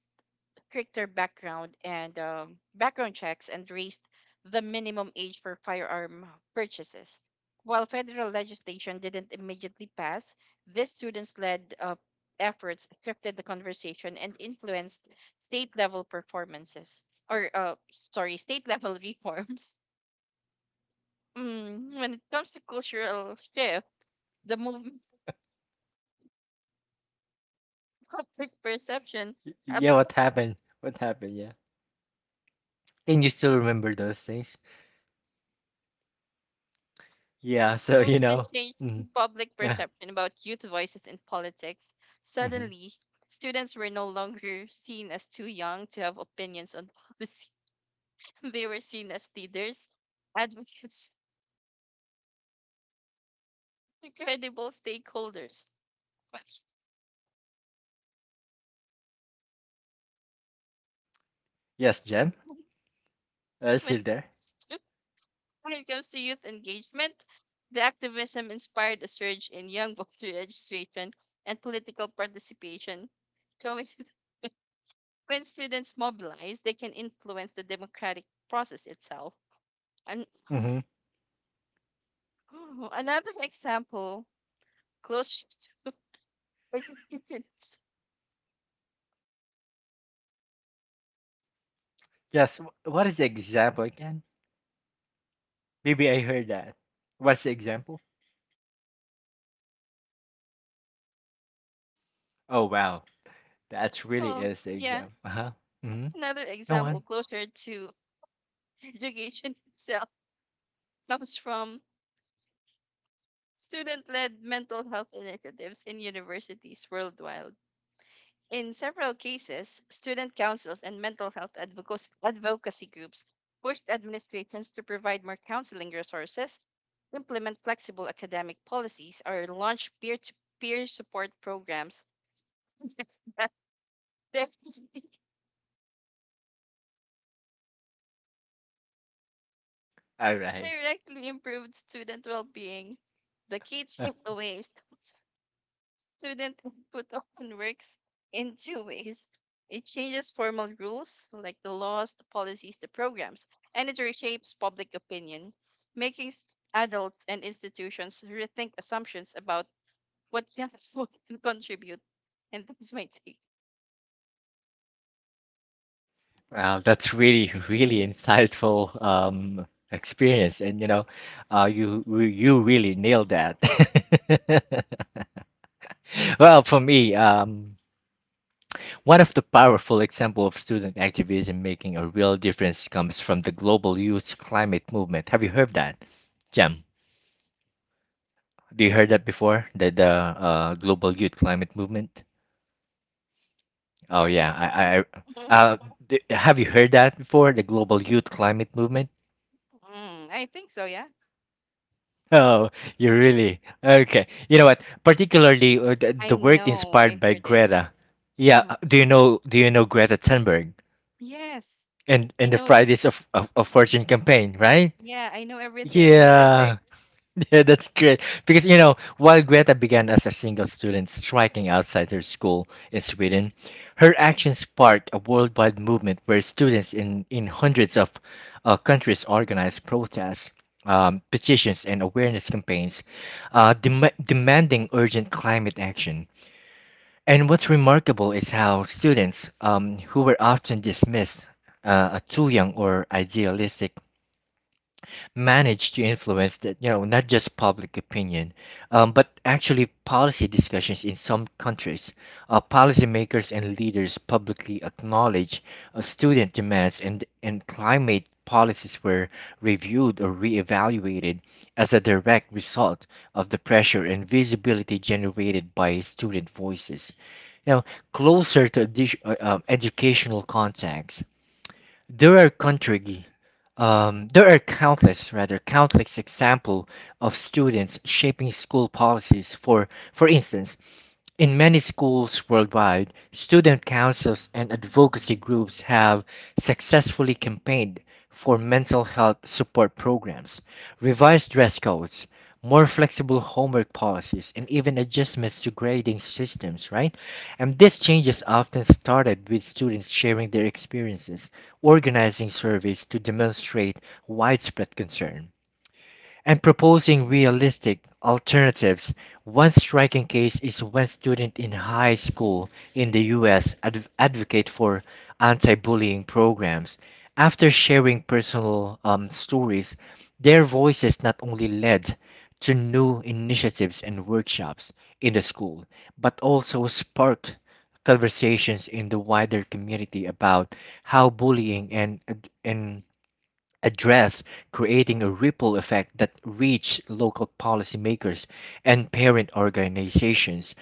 [SPEAKER 2] stricter background and background checks and raised the minimum age for firearm purchases. While federal legislation didn't immediately pass, these students led efforts shifted the conversation and influenced state level performances, or sorry, state level reforms. Mm, when it comes to cultural shift, the movement public perception.
[SPEAKER 1] Yeah, what happened? What happened? Yeah. Can you still remember those things? Yeah,
[SPEAKER 2] The
[SPEAKER 1] so you
[SPEAKER 2] movement
[SPEAKER 1] know.
[SPEAKER 2] changed
[SPEAKER 1] Mm,
[SPEAKER 2] public
[SPEAKER 1] yeah,
[SPEAKER 2] perception about youth voices in politics.
[SPEAKER 1] mhm.
[SPEAKER 2] Suddenly, students were no longer seen as too young to have opinions on policy. They were seen as leaders, advocates, and credible stakeholders. When
[SPEAKER 1] Yes, Jen? Are you
[SPEAKER 2] when
[SPEAKER 1] still
[SPEAKER 2] it
[SPEAKER 1] there?
[SPEAKER 2] comes to youth engagement, the activism inspired a surge in young voter registration and political participation. Showing, when students mobilize, they can influence the democratic process itself. An
[SPEAKER 1] Hmm.
[SPEAKER 2] oh, Another example, closer participants.
[SPEAKER 1] Yes, what is the example again? Maybe I heard that. What's the example? Oh wow, that really
[SPEAKER 2] Oh,
[SPEAKER 1] is the
[SPEAKER 2] yeah.
[SPEAKER 1] example. Uh huh. Mm-hmm.
[SPEAKER 2] Another
[SPEAKER 1] Go
[SPEAKER 2] example
[SPEAKER 1] on.
[SPEAKER 2] closer to education itself comes from student-led mental health initiatives in universities worldwide. In several cases, student councils and mental health advocacy groups pushed administrations to provide more counseling resources, implement flexible academic policies, or launch peer-to-peer support programs. Definitely
[SPEAKER 1] All right.
[SPEAKER 2] directly improved student well-being. The key takeaway is that student input often works in two ways. It changes formal rules, like the laws, the policies, the programs, and it reshapes public opinion, making adults and institutions rethink assumptions about what young people can contribute. And this my take.
[SPEAKER 1] Wow, that's really, really insightful experience, and you know, you really nailed that. Well, for me, one of the powerful example of student activism making a real difference comes from the global youth climate movement. Have you heard that, Jem? Do you heard that before? The global youth climate movement? Oh
[SPEAKER 2] Sorry?
[SPEAKER 1] yeah, I, I uh, have you heard that before? The global youth climate movement.
[SPEAKER 2] Mm, I think so, yeah.
[SPEAKER 1] Oh, you really? Okay. You know what? Particularly the,
[SPEAKER 2] I
[SPEAKER 1] the work
[SPEAKER 2] know. I
[SPEAKER 1] inspired by
[SPEAKER 2] heard it.
[SPEAKER 1] Greta. Yeah.
[SPEAKER 2] Hmm
[SPEAKER 1] Do you know? Do you know Greta Thunberg
[SPEAKER 2] Yes, I
[SPEAKER 1] and the
[SPEAKER 2] know that.
[SPEAKER 1] Fridays of Fortune campaign, right?
[SPEAKER 2] Yeah, I know everything. I'm perfect.
[SPEAKER 1] Yeah. Yeah, that's great. Because, you know, while Greta began as a single student striking outside her school in Sweden, her actions sparked a worldwide movement where students in hundreds of countries organized protests, petitions, and awareness campaigns demanding urgent climate action. And what's remarkable is how students, who were often dismissed as too young or idealistic, managed to influence that you know not just public opinion, but actually policy discussions in some countries. Policymakers and leaders publicly acknowledge student demands, and climate policies were reviewed or reevaluated as a direct result of the pressure and visibility generated by student voices. Now closer to educational context there are country, there are countless, rather, countless example of students shaping school policies. For instance, in many schools worldwide, student councils and advocacy groups have successfully campaigned for mental health support programs, revised dress codes, more flexible homework policies, and even adjustments to grading systems, right? And these changes often started with students sharing their experiences, organizing surveys to demonstrate widespread concern and proposing realistic alternatives. One striking case is when students in high school in the US advocate for anti bullying programs. After sharing personal stories, their voices not only led to new initiatives and workshops in the school, but also sparked conversations in the wider community about how bullying and, address, creating a ripple effect that reached local policymakers and parent organizations.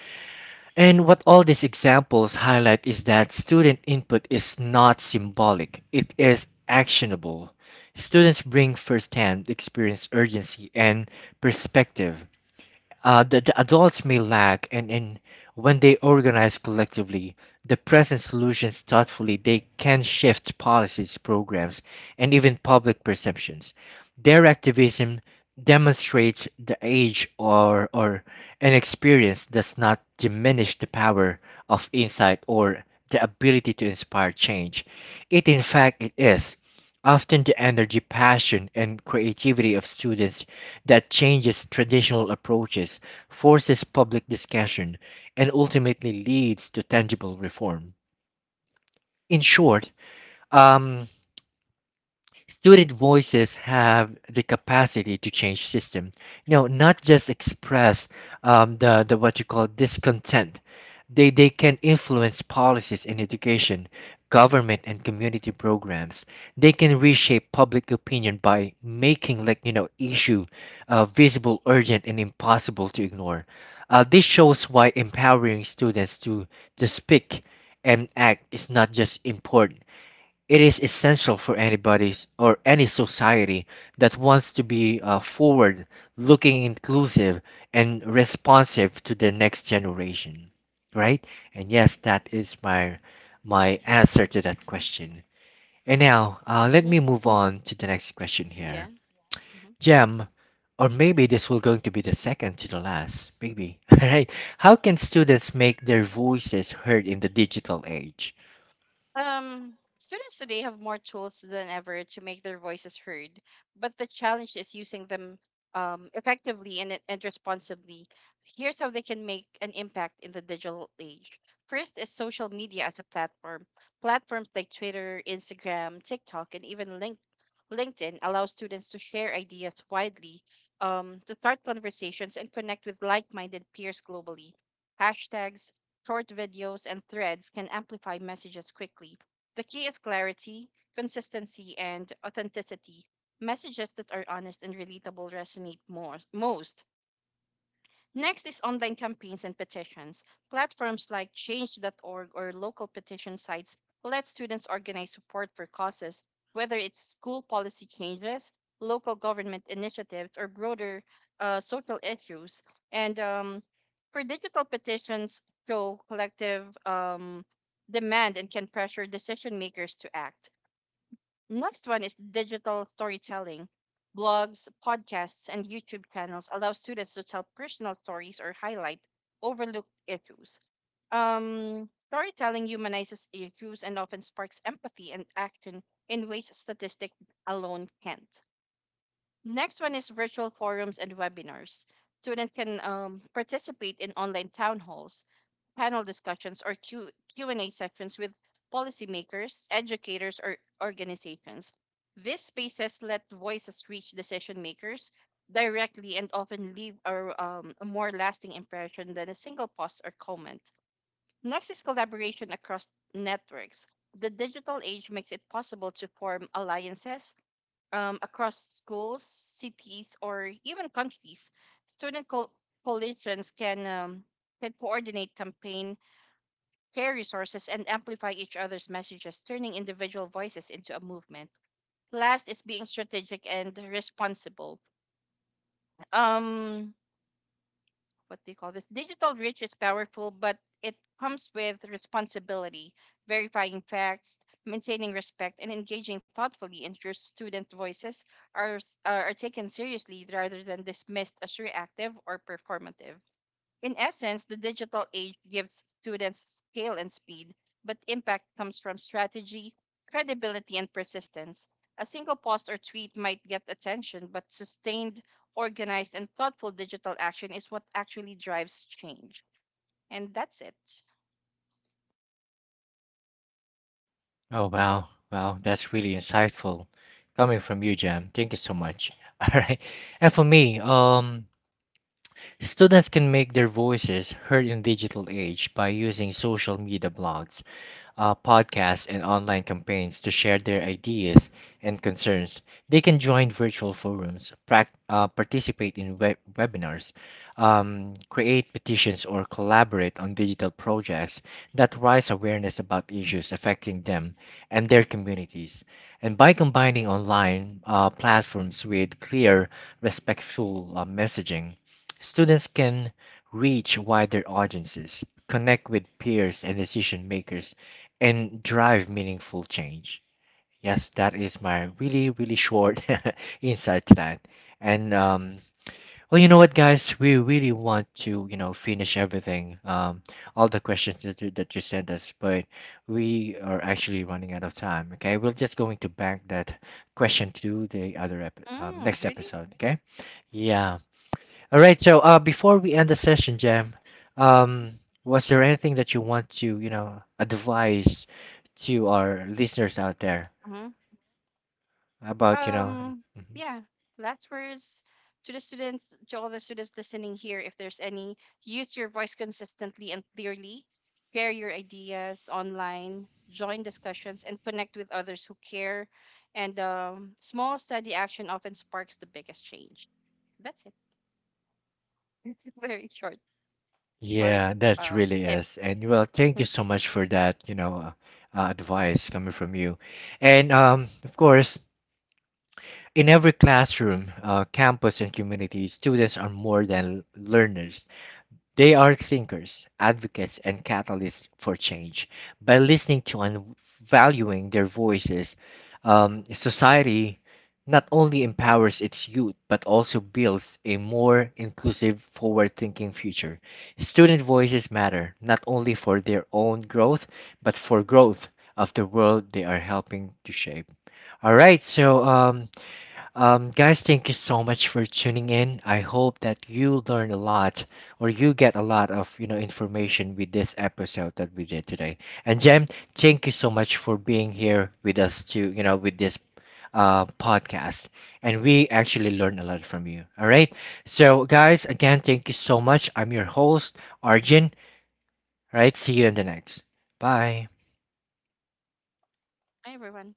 [SPEAKER 1] And what all these examples highlight is that student input is not symbolic, it is actionable. Students bring firsthand experience, urgency, and perspective that the adults may lack, and when they organize collectively, the present solutions thoughtfully, they can shift policies, programs, and even public perceptions. Their activism demonstrates the age or an experience does not diminish the power of insight or the ability to inspire change. It in fact it is often the energy, passion, and creativity of students that changes traditional approaches, forces public discussion, and ultimately leads to tangible reform. In short, um, student voices have the capacity to change system, you know, not just express the what you call discontent. They can influence policies in education, government, and community programs. They can reshape public opinion by making like you know issue visible, urgent, and impossible to ignore. This shows why empowering students to speak and act is not just import, it is essential for anybody's or any society that wants to be forward looking, inclusive, and responsive to the next generation, right? And yes, that is my my answer to that question. And now, let
[SPEAKER 2] Mhm.
[SPEAKER 1] me move on to the next question here.
[SPEAKER 2] Yeah. hmm
[SPEAKER 1] Gem, or maybe this will going to be the second to the last, maybe. All right. How can students make their voices heard in the digital age?
[SPEAKER 2] Students today have more tools than ever to make their voices heard, but the challenge is using them effectively and responsibly. Here's how they can make an impact in the digital age. First is social media as a platform. Platforms like Twitter, Instagram, TikTok, and even LinkedIn allow students to share ideas widely, to start conversations, and connect with like minded peers globally. Hashtags, short videos and threads can amplify messages quickly. The key is clarity, consistency, and authenticity. Messages that are honest and relatable resonate most. Next is online campaigns and petitions. Platforms like change.org or local petition sites let students organize support for causes, whether it's school policy changes, local government initiatives, or broader social issues. And For digital petitions, show collective demand and can pressure decision makers to act. Next one is digital storytelling. Blogs, podcasts, and YouTube channels allow students to tell personal stories or highlight overlooked issues. Storytelling humanizes issues and often sparks empathy and action in ways statistics alone can't. Next one is virtual forums and webinars. Students can participate in online town halls, panel discussions, or Q&A sessions with policymakers, educators, or organizations. These spaces let voices reach decision makers directly and often leave a more lasting impression than a single post or comment. Next is collaboration across networks. The digital age makes it possible to form alliances across schools, cities, or even countries. Student coalitions can coordinate campaign, share resources, and amplify each other's messages, turning individual voices into a movement. Last is being strategic and responsible. Um, what do you call this? Digital reach is powerful, but it comes with responsibility. Verifying facts, maintaining respect, and engaging thoughtfully ensures student voices are, are taken seriously rather than dismissed as reactive or performative. In essence, the digital age gives students scale and speed, but impact comes from strategy, credibility, and persistence. A single post or tweet might get attention, but sustained, organized, and thoughtful digital action is what actually drives change. And that's it.
[SPEAKER 1] Oh, wow. Wow. That's really insightful coming from you, Jam. Thank you so much. All right. And for me, students can make their voices heard in digital age by using social media blogs, podcasts, and online campaigns to share their ideas and concerns. They can join virtual forums, participate in webinars, create petitions, or collaborate on digital projects that raise awareness about issues affecting them and their communities. And by combining online platforms with clear, respectful messaging, students can reach wider audiences, connect with peers and decision makers and drive meaningful change. Yes, that is my really, really short insight to that. And well, you know what, guys, we really want to, you know, finish everything, all the questions that you sent us, but we are actually running out of time. Okay, we're just going to bank that question to the other ep
[SPEAKER 2] Mm,
[SPEAKER 1] next
[SPEAKER 2] really?
[SPEAKER 1] episode. Okay, yeah. All right. So, before we end the session, Jam, um, was there anything that you want to, you know, advise to our listeners out there about, you know?
[SPEAKER 2] Um
[SPEAKER 1] Mhm.
[SPEAKER 2] yeah. Last words to the students, to all the students listening here, if there's any: use your voice consistently and clearly. Share your ideas online, join discussions, and connect with others who care. And small steady action often sparks the biggest change. That's it. it's a very short, short
[SPEAKER 1] Yeah, that's really
[SPEAKER 2] tip.
[SPEAKER 1] is. And well, thank you so much for that, you know,
[SPEAKER 2] Mhm.
[SPEAKER 1] advice coming from you. And of course, in every classroom, campus, and community, students are more than learners. They are thinkers, advocates, and catalysts for change. By listening to and valuing their voices, society not only empowers its youth but also builds a more inclusive, forward thinking future. Student voices matter not only for their own growth but for growth of the world they are helping to shape. All right, so guys, thank you so much for tuning in. I hope that you learn a lot or you get a lot of you know information with this episode that we did today. And Jem, thank you so much for being here with us to you know with this podcast. And we actually learn a lot from you. All right. So guys, again, thank you so much. I'm your host, Arjun. All right. See you in the next. Bye.
[SPEAKER 2] Hi everyone.